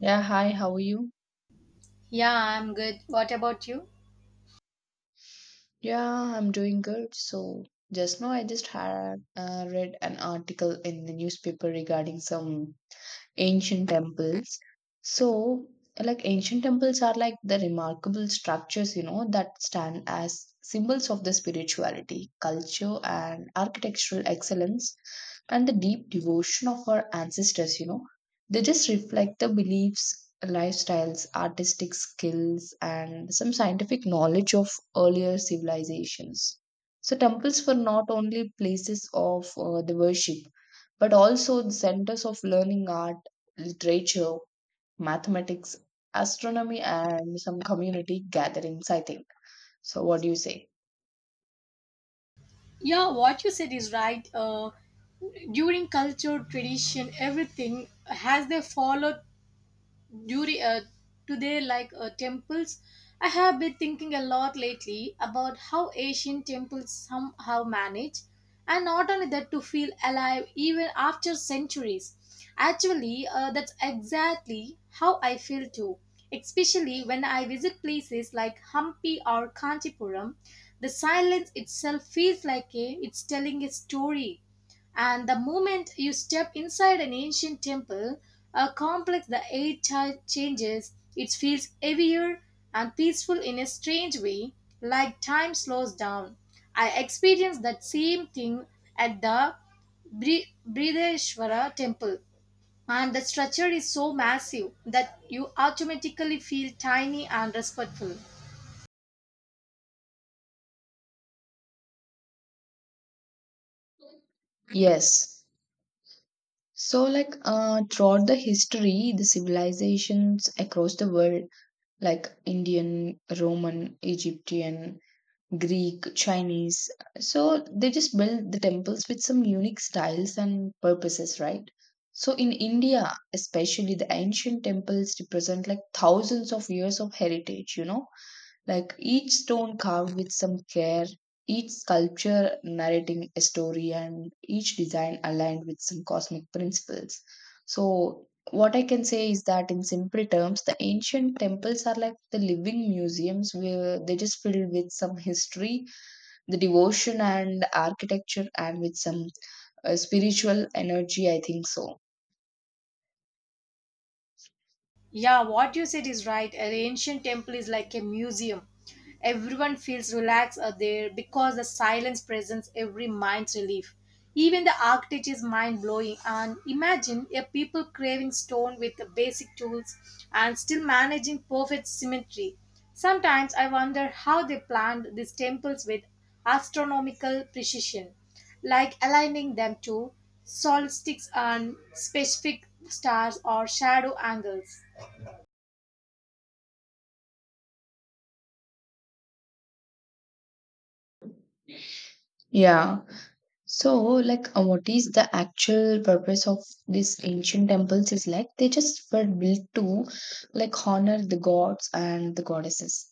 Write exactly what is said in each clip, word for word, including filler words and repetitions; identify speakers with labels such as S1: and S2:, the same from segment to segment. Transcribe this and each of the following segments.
S1: Yeah, hi, how are you?
S2: Yeah, I'm good. What about you?
S1: Yeah, I'm doing good. So, just now I just had uh, read an article in the newspaper regarding some, ancient temples. So, like ancient temples are like the remarkable structures, you know, that stand as symbols of the spirituality, culture, and architectural excellence, and the deep devotion of our ancestors, you know. They just reflect the beliefs, lifestyles, artistic skills, and some scientific knowledge of earlier civilizations. So, temples were not only places of uh, the worship, but also the centers of learning art, literature, mathematics, astronomy, and some community gatherings, I think. So, what do you say?
S2: Yeah, what you said is right. Uh, during culture, tradition, everything has they followed during uh, today like uh, temples I have been thinking a lot lately about how Asian temples somehow manage, and not only that, to feel alive even after centuries. Actually, uh, that's exactly how I feel too, especially when I visit places like Hampi or Kanchipuram. The silence itself feels like a, it's telling a story. And the moment you step inside an ancient temple, a complex the air cha- changes. It feels heavier and peaceful in a strange way, like time slows down. I experienced that same thing at the Bri- Brideshwara temple. And the structure is so massive that you automatically feel tiny and respectful.
S1: Yes. So, like, uh, throughout the history, the civilizations across the world, like Indian, Roman, Egyptian, Greek, Chinese, so they just built the temples with some unique styles and purposes, right? So, in India, especially, the ancient temples represent like thousands of years of heritage, you know. Like each stone carved with some care, each sculpture narrating a story, and each design aligned with some cosmic principles. So, what I can say is that in simple terms, the ancient temples are like the living museums where they just filled with some history, the devotion, and architecture, and with some uh, spiritual energy. I think so.
S2: Yeah, what you said is right. An ancient temple is like a museum. Everyone feels relaxed uh, there because the silence presents every mind's relief. Even the architecture is mind blowing. And imagine a people craving stone with the basic tools and still managing perfect symmetry. Sometimes I wonder how they planned these temples with astronomical precision, like aligning them to solstices and specific stars or shadow angles.
S1: Yeah. So, like, uh, what is the actual purpose of these ancient temples? Is like they just were built to, like, honor the gods and the goddesses,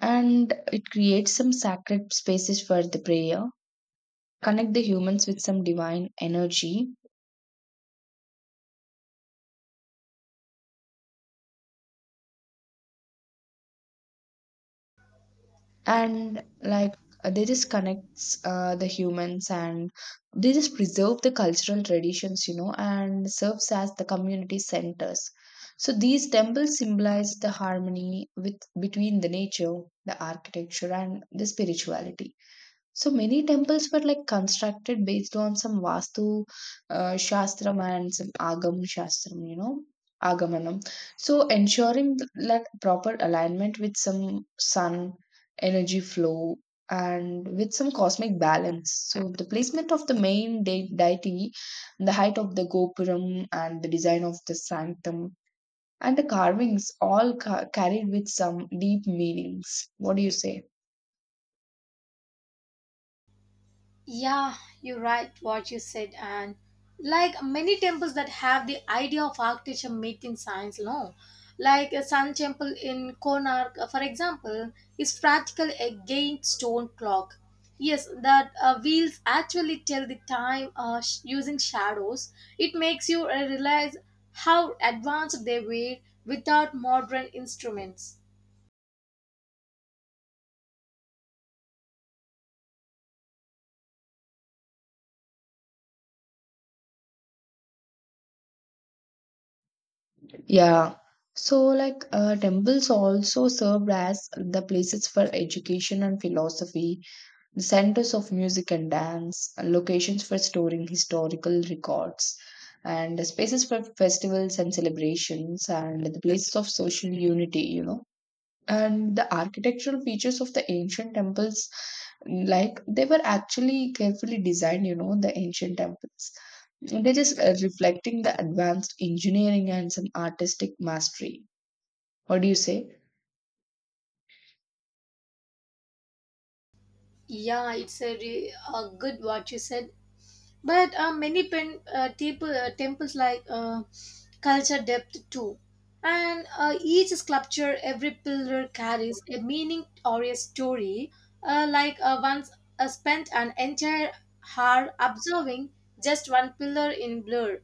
S1: and it creates some sacred spaces for the prayer, connect the humans with some divine energy, and like uh, they just connects uh, the humans and they just preserve the cultural traditions, you know, and serves as the community centers. So these temples symbolize the harmony with between the nature, the architecture, and the spirituality. So many temples were like constructed based on some Vastu uh, Shastram and some Agam Shastram, you know, Agamanam. So ensuring th- like proper alignment with some sun energy flow and with some cosmic balance. So the placement of the main de- deity, the height of the Gopuram, and the design of the sanctum and the carvings all ca- carried with some deep meanings. What do you say?
S2: Yeah, you're right what you said, and like many temples that have the idea of architecture meeting science, no, like a sun temple in Konark, uh, for example, is practical against stone clock. Yes, that uh, wheels actually tell the time uh, sh- using shadows. It makes you uh, realize how advanced they were without modern instruments.
S1: Yeah. So, like, uh, temples also served as the places for education and philosophy, the centers of music and dance, locations for storing historical records, and spaces for festivals and celebrations, and the places of social unity, you know. And the architectural features of the ancient temples, like, they were actually carefully designed, you know, the ancient temples. It is uh, reflecting the advanced engineering and some artistic mastery. What do you say?
S2: Yeah, it's a, re- a good what you said. But uh, many pen, uh, temple, uh, temples like uh, culture depth too. And uh, each sculpture, every pillar carries a meaning or a story. Uh, like uh, once I spent an entire hour observing just one pillar in blur,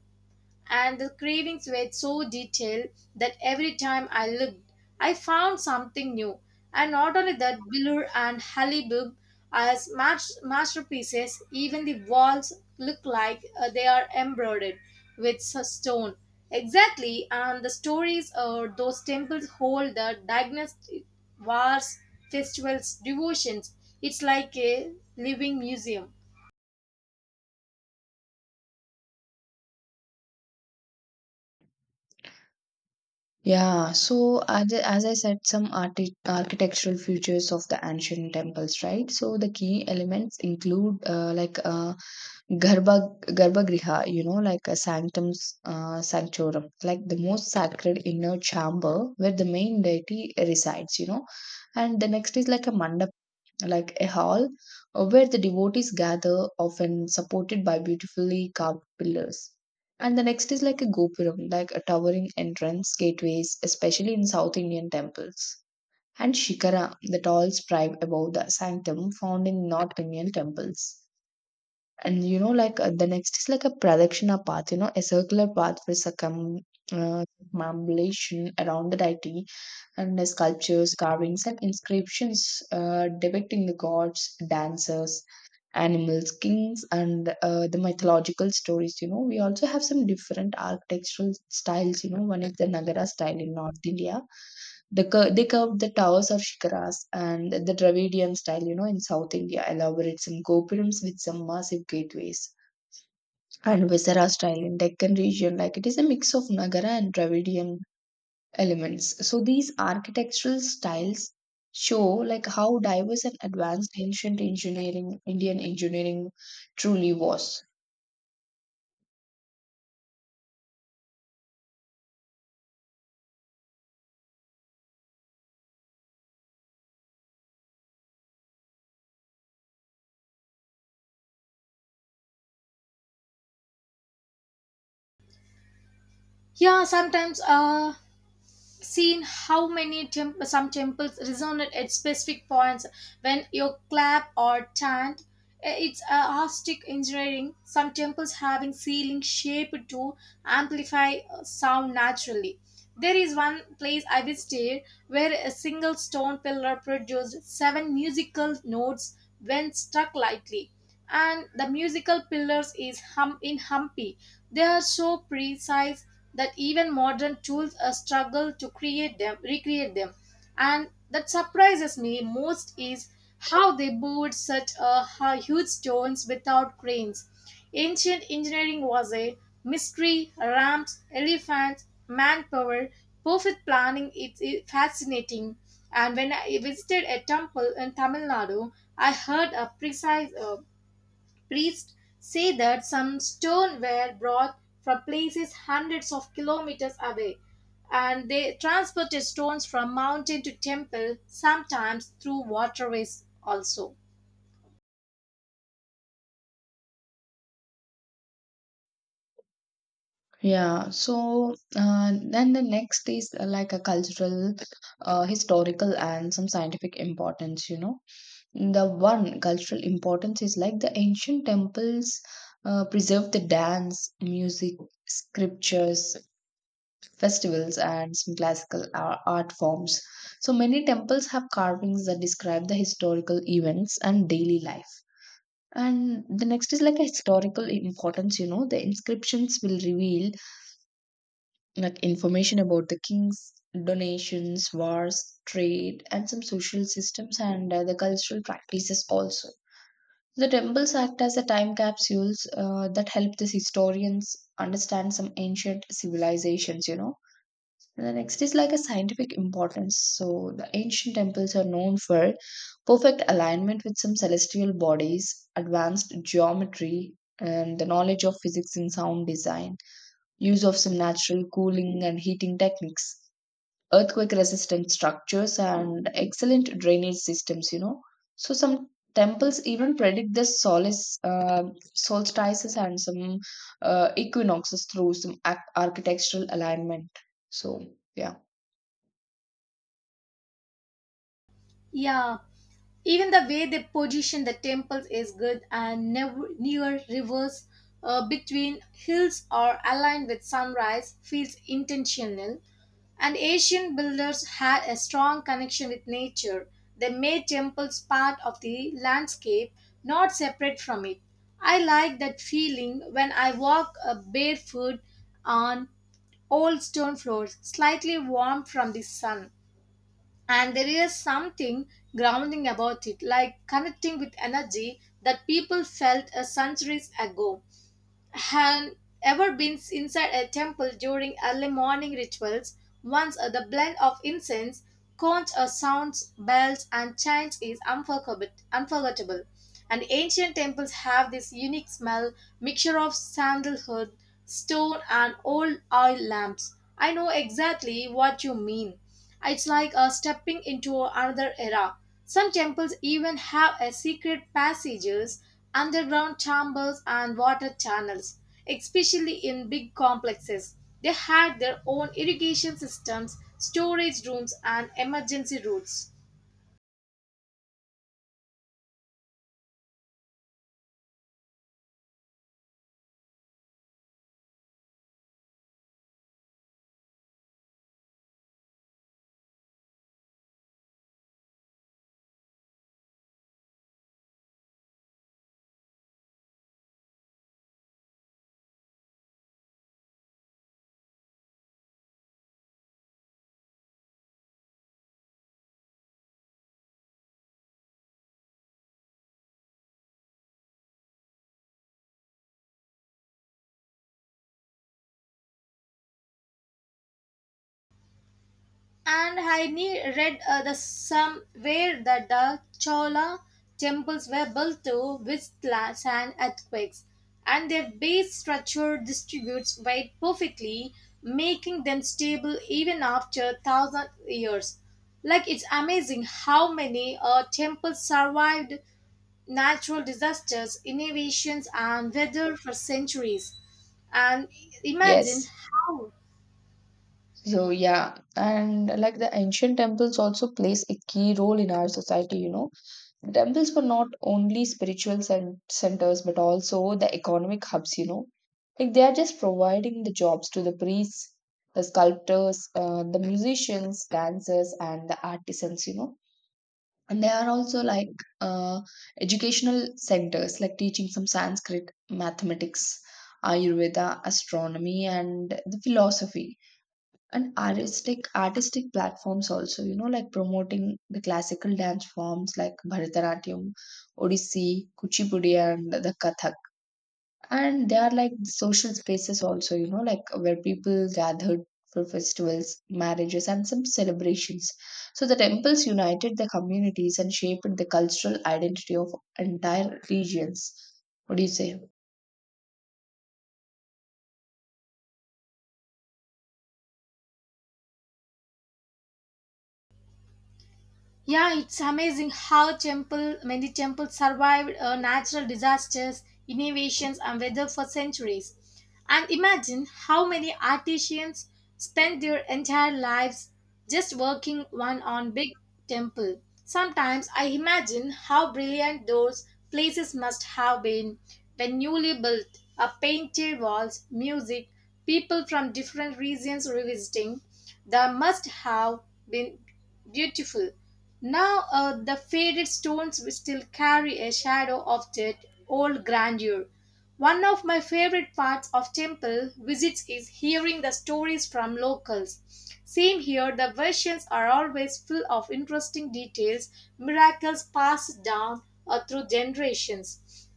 S2: and the cravings were so detailed that every time I looked, I found something new. And not only that, Billur and Halibub as mas- masterpieces, even the walls look like uh, they are embroidered with s- stone. Exactly, and the stories or those temples hold the diagnostic wars, festivals, devotions. It's like a living museum.
S1: Yeah, so as, I- as I said, some arti- architectural features of the ancient temples, right? So the key elements include uh, like uh, Garba Garbhagriha, you know, like a sanctum uh, sanctorum, like the most sacred inner chamber where the main deity resides, you know. And the next is like a mandapa, like a hall uh, where the devotees gather, often supported by beautifully carved pillars. And the next is like a gopuram, like a towering entrance gateways, especially in South Indian temples. And shikara, the tall spire above the sanctum, found in North Indian temples. And you know, like uh, the next is like a pradakshina path, you know, a circular path for circum uh, circumambulation around the deity, and the sculptures, carvings, and inscriptions uh, depicting the gods, dancers, animals, kings, and uh, the mythological stories. You know, we also have some different architectural styles. You know, one is the Nagara style in North India. The cur- they curved the towers of shikaras, and the Dravidian style. You know, in South India, elaborate some gopurams with some massive gateways. And Visara style in Deccan region, like it is a mix of Nagara and Dravidian elements. So these architectural styles show like how diverse and advanced ancient engineering, Indian engineering truly was.
S2: Yeah, sometimes uh, seen how many temp- some temples resonate at specific points when you clap or chant. Eh, It's acoustic engineering. Some temples having ceiling shaped to amplify uh, sound naturally. There is one place I visited where a single stone pillar produced seven musical notes when struck lightly, and the musical pillars is hum in Humpy. They are so precise that even modern tools uh, struggle to create them, recreate them. And that surprises me most is how they moved such a hu- huge stones without cranes. Ancient engineering was a mystery, ramps, elephants, manpower, perfect planning. It's it's fascinating. And when I visited a temple in Tamil Nadu, I heard a precise uh, priests say that some stone were brought from places hundreds of kilometers away, and they transported stones from mountain to temple, sometimes through waterways also.
S1: Yeah, so uh, then the next is uh, like a cultural, uh, historical, and some scientific importance, you know. The one cultural importance is like the ancient temples uh, preserve the dance, music, scriptures, festivals, and some classical ar- art forms. So many temples have carvings that describe the historical events and daily life. And the next is like a historical importance, you know, the inscriptions will reveal like information about the kings, donations, wars, trade, and some social systems, and uh, the cultural practices also. The temples act as a time capsules uh, that help these historians understand some ancient civilizations, you know. And the next is like a scientific importance. So the ancient temples are known for perfect alignment with some celestial bodies, advanced geometry, and the knowledge of physics and sound design, use of some natural cooling and heating techniques, earthquake resistant structures, and excellent drainage systems, you know. So some temples even predict the solace, uh, solstices and some uh, equinoxes through some ac- architectural alignment. So, yeah.
S2: Yeah, even the way they position the temples is good and never, near rivers uh, between hills are aligned with sunrise feels intentional. And Asian builders had a strong connection with nature. They made temples part of the landscape, not separate from it. I like that feeling when I walk uh, barefoot on old stone floors slightly warm from the sun, and there is something grounding about it, like connecting with energy that people felt a centuries ago. Have ever been inside a temple during early morning rituals? Once uh, the blend of incense, conch uh, sounds, bells, and chants is unforgettable. Unforgettable. And ancient temples have this unique smell, mixture of sandalwood, stone, and old oil lamps. I know exactly what you mean, it's like uh, stepping into another era. Some temples even have a secret passages, underground chambers, and water channels, especially in big complexes. They had their own irrigation systems, storage rooms, and emergency routes. And I ne- read uh, the somewhere that the Chola temples were built to withstand earthquakes, and their base structure distributes weight perfectly, making them stable even after thousand years. Like it's amazing how many uh, temples survived natural disasters, innovations, and weather for centuries. And imagine
S1: Yes.
S2: how.
S1: So yeah, and like the ancient temples also plays a key role in our society, you know. Temples were not only spiritual cen- centers but also the economic hubs, you know. Like they are just providing the jobs to the priests, the sculptors, uh, the musicians, dancers, and the artisans, you know. And they are also like uh, educational centers, like teaching some Sanskrit, mathematics, Ayurveda, astronomy, and the philosophy, and artistic artistic platforms also, you know, like promoting the classical dance forms like Bharatanatyam, Odissi, Kuchipudi, and the Kathak. And they are like social spaces also, you know, like where people gathered for festivals, marriages, and some celebrations. So the temples united the communities and shaped the cultural identity of entire regions. What do you say?
S2: Yeah, it's amazing how temple many temples survived uh, natural disasters, innovations, and weather for centuries. And imagine how many artisans spend their entire lives just working one on big temple. Sometimes I imagine how brilliant those places must have been when newly built, a painted walls, music, people from different regions revisiting. There must have been. Beautiful. Now uh, the faded stones will still carry a shadow of that old grandeur. One of my favorite parts of temple visits is hearing the stories from locals. Same here, the versions are always full of interesting details, miracles passed down uh, through generations.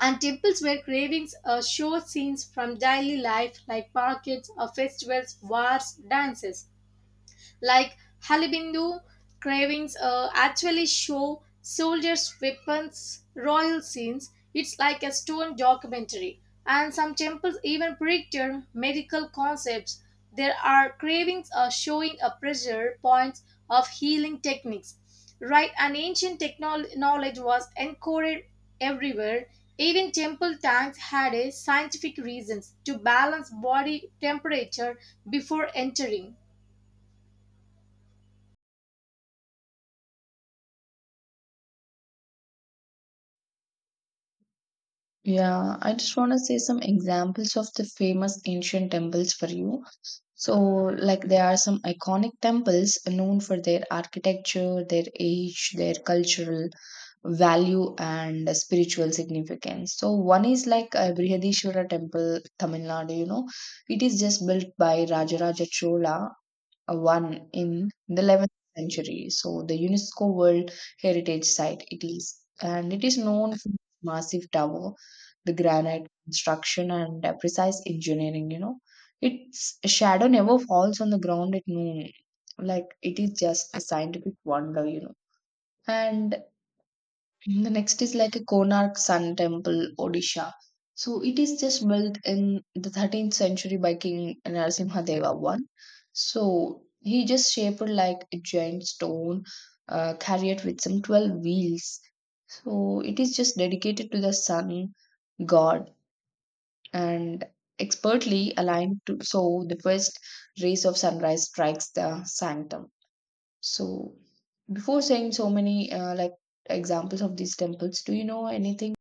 S2: And temples where cravings uh, show scenes from daily life like markets, uh, festivals, wars, dances like Halibindu cravings uh, actually show soldiers' weapons, royal scenes. It's like a stone documentary. And some temples even picture medical concepts. There are cravings uh, showing a pressure points of healing techniques. Right, and ancient technol- knowledge was encoded everywhere. Even temple tanks had a scientific reasons to balance body temperature before entering.
S1: Yeah, I just want to say some examples of the famous ancient temples for you. So, like, there are some iconic temples known for their architecture, their age, their cultural value, and spiritual significance. So, one is like uh, Brihadishwara Temple, Tamil Nadu, you know, it is just built by Rajaraja Chola uh, one in the eleventh century. So the UNESCO World Heritage Site it is, and it is known for its massive tower, the granite construction, and uh, precise engineering. You know, its shadow never falls on the ground at noon, like it is just a scientific wonder. You know, and the next is like a Konark Sun Temple, Odisha. So it is just built in the thirteenth century by King Narasimhadeva one. So he just shaped like a giant stone uh, carried with some twelve wheels. So it is just dedicated to the sun god, and expertly aligned to so the first rays of sunrise strikes the sanctum. So, before saying so many uh, like examples of these temples, do you know anything?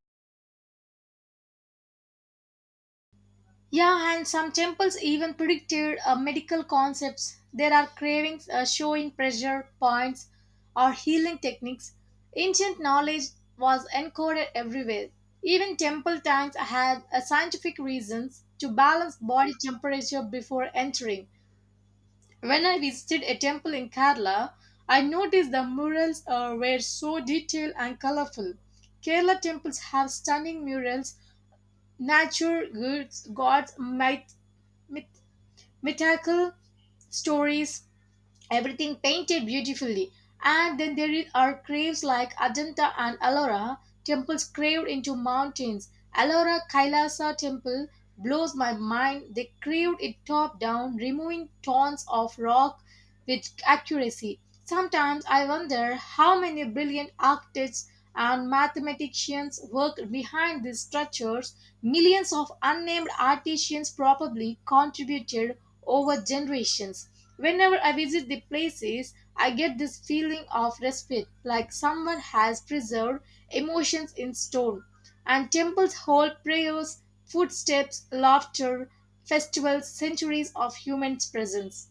S2: Yeah, and some temples even predicted uh, medical concepts. There are cravings uh, showing pressure points or healing techniques. Ancient knowledge was encoded everywhere. Even temple tanks had uh, scientific reasons to balance body temperature before entering. When I visited a temple in Kerala, I noticed the murals uh, were so detailed and colorful. Kerala temples have stunning murals, nature goods, gods, myth, myth mythical stories, everything painted beautifully. And then there are caves like Ajanta and Ellora, temples carved into mountains. Ellora Kailasa temple blows my mind. They carved it top down, removing tons of rock with accuracy. Sometimes I wonder how many brilliant architects and mathematicians worked behind these structures. Millions of unnamed artisans probably contributed over generations. Whenever I visit the places, I get this feeling of respect, like someone has preserved emotions in stone. And temples hold prayers, footsteps, laughter, festivals, centuries of human presence.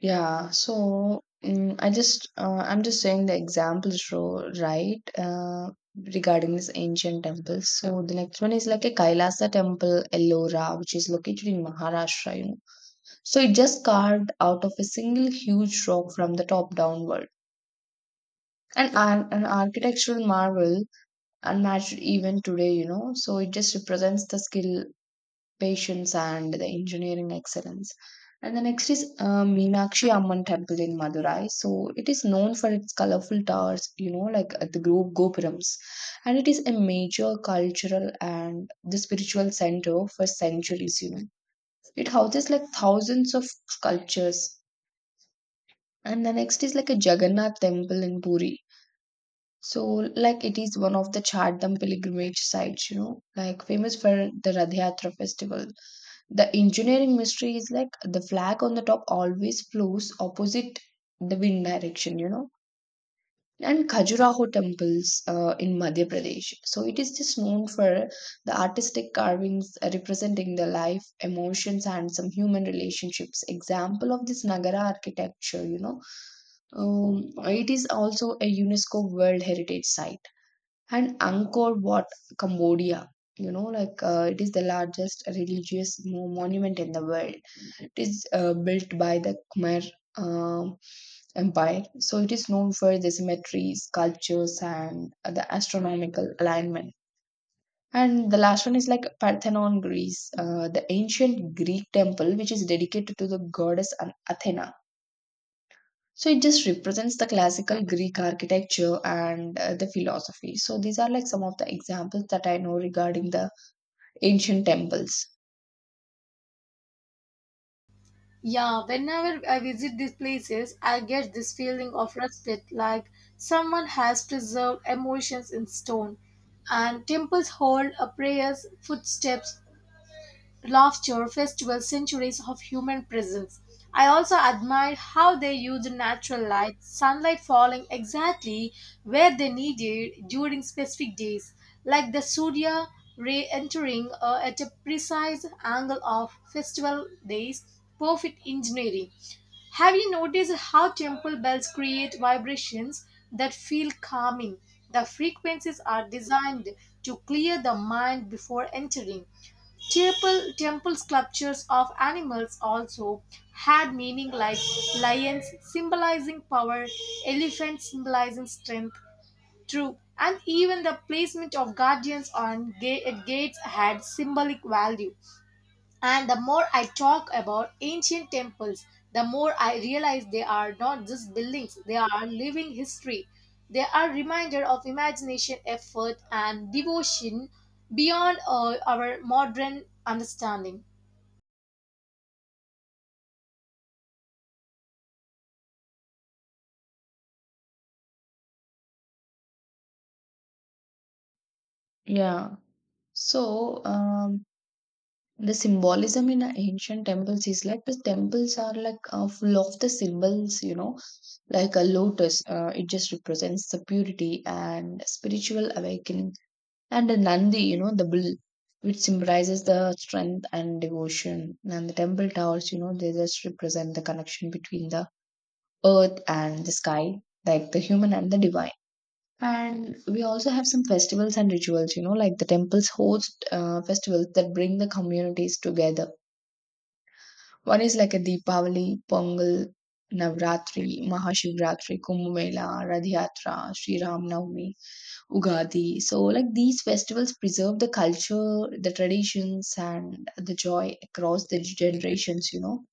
S1: Yeah, so mm I just uh, I'm just saying the examples, ro- right? Uh, regarding these ancient temples. So the next one is like a Kailasa temple, Ellora, which is located in Maharashtra. You know, so it just carved out of a single huge rock from the top downward, and an, an architectural marvel unmatched even today. You know, so it just represents the skill, patience, and the engineering excellence. And the next is uh, Meenakshi Amman Temple in Madurai. So it is known for its colorful towers, you know, like uh, the group Gopurams. And it is a major cultural and the spiritual center for centuries, you know. It houses like thousands of sculptures. And the next is like a Jagannath Temple in Puri. So, like, it is one of the Chardham pilgrimage sites, you know, like famous for the Radh Yatra festival. The engineering mystery is like the flag on the top always flows opposite the wind direction, you know. And Khajuraho temples uh, in Madhya Pradesh. So it is just known for the artistic carvings representing the life, emotions, and some human relationships. Example of this Nagara architecture, you know. Um, it is also a UNESCO World Heritage Site. And Angkor Wat, Cambodia, you know, like uh, it is the largest religious mo- monument in the world. It is uh, built by the Khmer um, Empire, so it is known for the symmetries, sculptures, and uh, the astronomical alignment. And the last one is like Parthenon, Greece, uh, the ancient Greek temple which is dedicated to the goddess An- Athena. So it just represents the classical Greek architecture and uh, the philosophy. So these are like some of the examples that I know regarding the ancient temples.
S2: Yeah, whenever I visit these places, I get this feeling of respect, like someone has preserved emotions in stone. And temples hold a prayers, footsteps, laughter festivals centuries of human presence. I also admired how they used natural light, sunlight falling exactly where they needed during specific days, like the Surya ray entering uh, at a precise angle of festival days. Perfect engineering. Have you noticed how temple bells create vibrations that feel calming? The frequencies are designed to clear the mind before entering. Temple, temple sculptures of animals also had meaning like lions symbolizing power, elephants symbolizing strength, true, and even the placement of guardians on ga- at gates had symbolic value. And the more I talk about ancient temples, the more I realize they are not just buildings, they are living history. They are reminder of imagination, effort, and devotion beyond uh, our modern understanding.
S1: Yeah. So, um, the symbolism in the ancient temples is like the temples are like uh, full of the symbols, you know, like a lotus. Uh, it just represents the purity and spiritual awakening, and a nandi, you know, the bull, which symbolizes the strength and devotion. And the temple towers, you know, they just represent the connection between the earth and the sky, like the human and the divine. And we also have some festivals and rituals, you know, like the temples host uh, festivals that bring the communities together. One is like a Deepavali, Pongal, Navratri, Mahashivratri, Kumbh Mela, Radh Yatra, Sri Ram Navami, Ugadi. So, like these festivals preserve the culture, the traditions, and the joy across the generations, you know.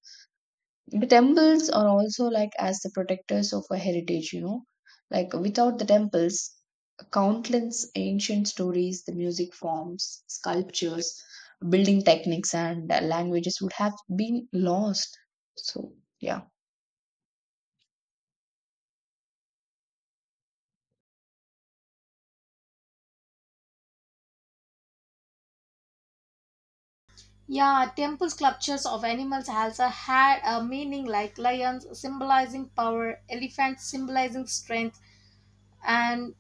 S1: The temples are also like as the protectors of a heritage, you know. Like without the temples, countless ancient stories, the music forms, sculptures, building techniques, and uh, languages would have been lost. So, yeah.
S2: Yeah, temple sculptures of animals also had a meaning like lions symbolizing power, elephants symbolizing strength, and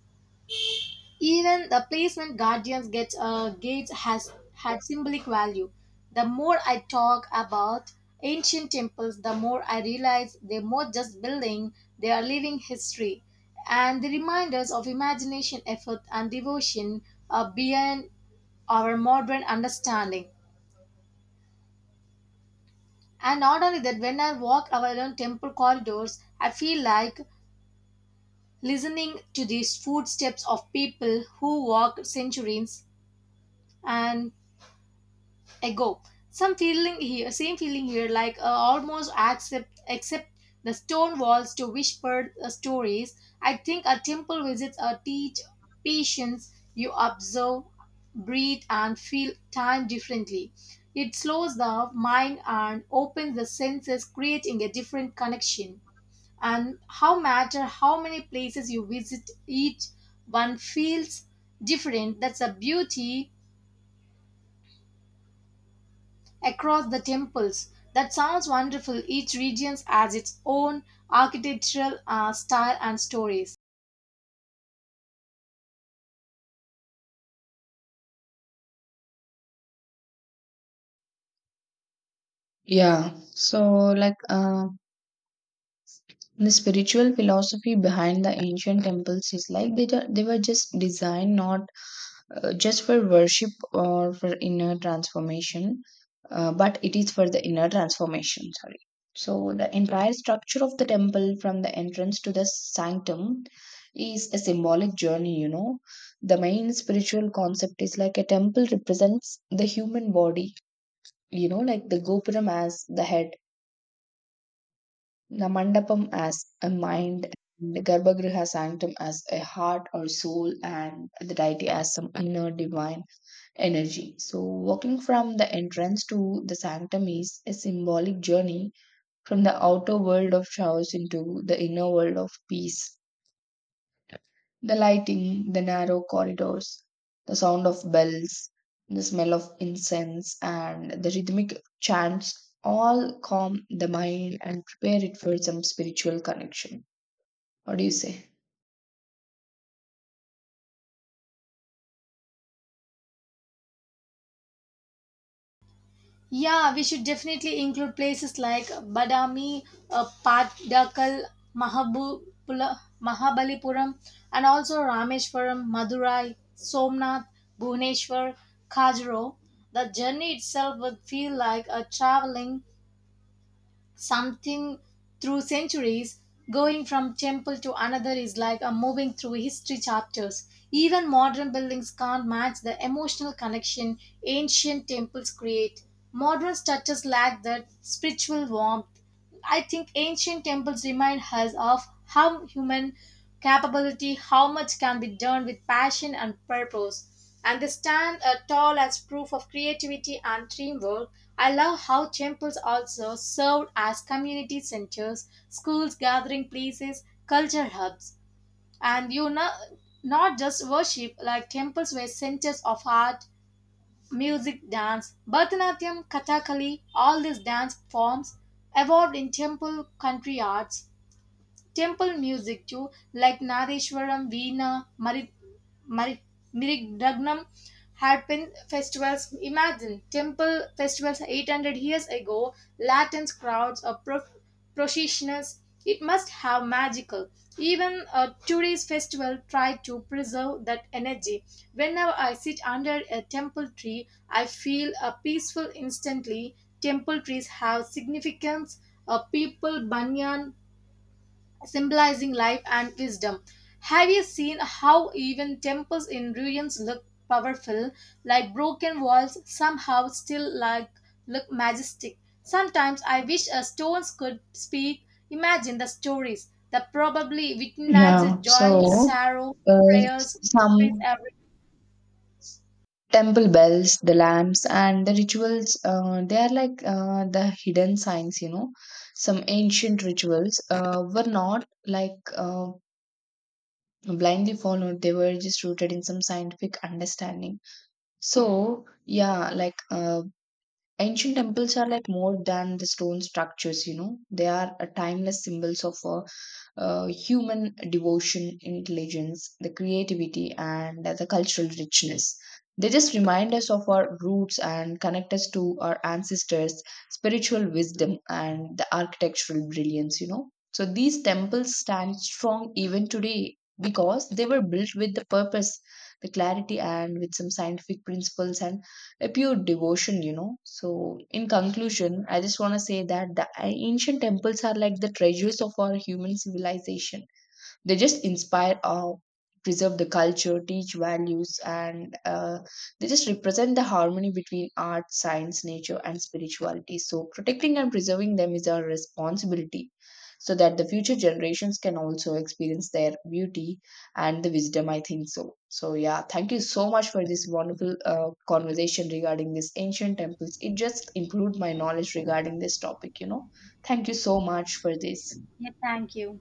S2: even the placement guardians get uh, gates has had symbolic value. The more I talk about ancient temples, the more I realize they're more just building, they are living history. And the reminders of imagination, effort, and devotion are beyond our modern understanding. And not only that, when I walk around temple corridors, I feel like listening to these footsteps of people who walked centuries and ago. Some feeling here, same feeling here, like uh, almost accept, except the stone walls to whisper uh, stories. I think a temple visits uh, teach patience. You observe, breathe, and feel time differently. It slows the mind and opens the senses, creating a different connection. And how matter how many places you visit, each one feels different. That's a beauty across the temples. That sounds wonderful. Each region has its own architectural uh, style and stories.
S1: Yeah. So, like, uh, the spiritual philosophy behind the ancient temples is like they, ju- they were just designed not uh, just for worship or for inner transformation, uh, but it is for the inner transformation, sorry. So, the entire structure of the temple from the entrance to the sanctum is a symbolic journey, you know. The main spiritual concept is like a temple represents the human body, you know, like the gopuram as the head, the mandapam as a mind, and the garbhagriha sanctum as a heart or soul, and the deity as some inner divine energy. So, walking from the entrance to the sanctum is a symbolic journey from the outer world of chaos into the inner world of peace. The lighting, the narrow corridors, the sound of bells, the smell of incense, and the rhythmic chants all calm the mind and prepare it for some spiritual connection. What do you say?
S2: Yeah, we should definitely include places like Badami, uh, Patdakal, Mahabubula, Mahabalipuram, and also Rameshwaram, Madurai, Somnath, Bhuneshwar, Kajro. The journey itself would feel like a traveling something through centuries. Going from temple to another is like a moving through history chapters. Even modern buildings can't match the emotional connection ancient temples create. Modern structures lack that spiritual warmth. I think ancient temples remind us of how human capability, how much can be done with passion and purpose. And they stand uh, tall as proof of creativity and teamwork. I love how temples also served as community centers, schools, gathering places, culture hubs. And you know, not just worship, like temples were centers of art, music, dance, Bharatanatyam, Kathakali, all these dance forms evolved in temple country arts temple music too, like Nareshwaram, Veena, Mari, Mari, Miridagnam, Harpin festivals. Imagine temple festivals eight hundred years ago, Latin crowds or pro- processions. It must have magical. Even uh, today's festival try to preserve that energy. Whenever I sit under a temple tree, I feel uh, peaceful instantly. Temple trees have significance. Uh, people, banyan, symbolizing life and wisdom. Have you seen how even temples in ruins look powerful, like broken walls somehow still like look majestic? Sometimes I wish a stones could speak. Imagine the stories that probably
S1: Yeah.
S2: witness
S1: Yeah.
S2: joy,
S1: So,
S2: sorrow,
S1: Uh,
S2: prayers, victories
S1: some
S2: every
S1: temple bells, the lamps, and the rituals. Uh, they are like uh, the hidden signs, you know. Some ancient rituals uh, were not like uh, blindly followed, they were just rooted in some scientific understanding. So, yeah, like uh, ancient temples are like more than the stone structures, you know, they are uh, timeless symbols of uh, uh, human devotion, intelligence, the creativity, and the cultural richness. They just remind us of our roots and connect us to our ancestors' spiritual wisdom and the architectural brilliance, you know. So these temples stand strong even today because they were built with the purpose, the clarity, and with some scientific principles and a pure devotion, you know. So, in conclusion, I just want to say that the ancient temples are like the treasures of our human civilization. They just inspire awe, preserve the culture, teach values, and uh, they just represent the harmony between art, science, nature, and spirituality. So protecting and preserving them is our responsibility, so that the future generations can also experience their beauty and the wisdom, I think so. So yeah, thank you so much for this wonderful uh, conversation regarding these ancient temples. It just improved my knowledge regarding this topic, you know. Thank you so much for this.
S2: day. Thank you.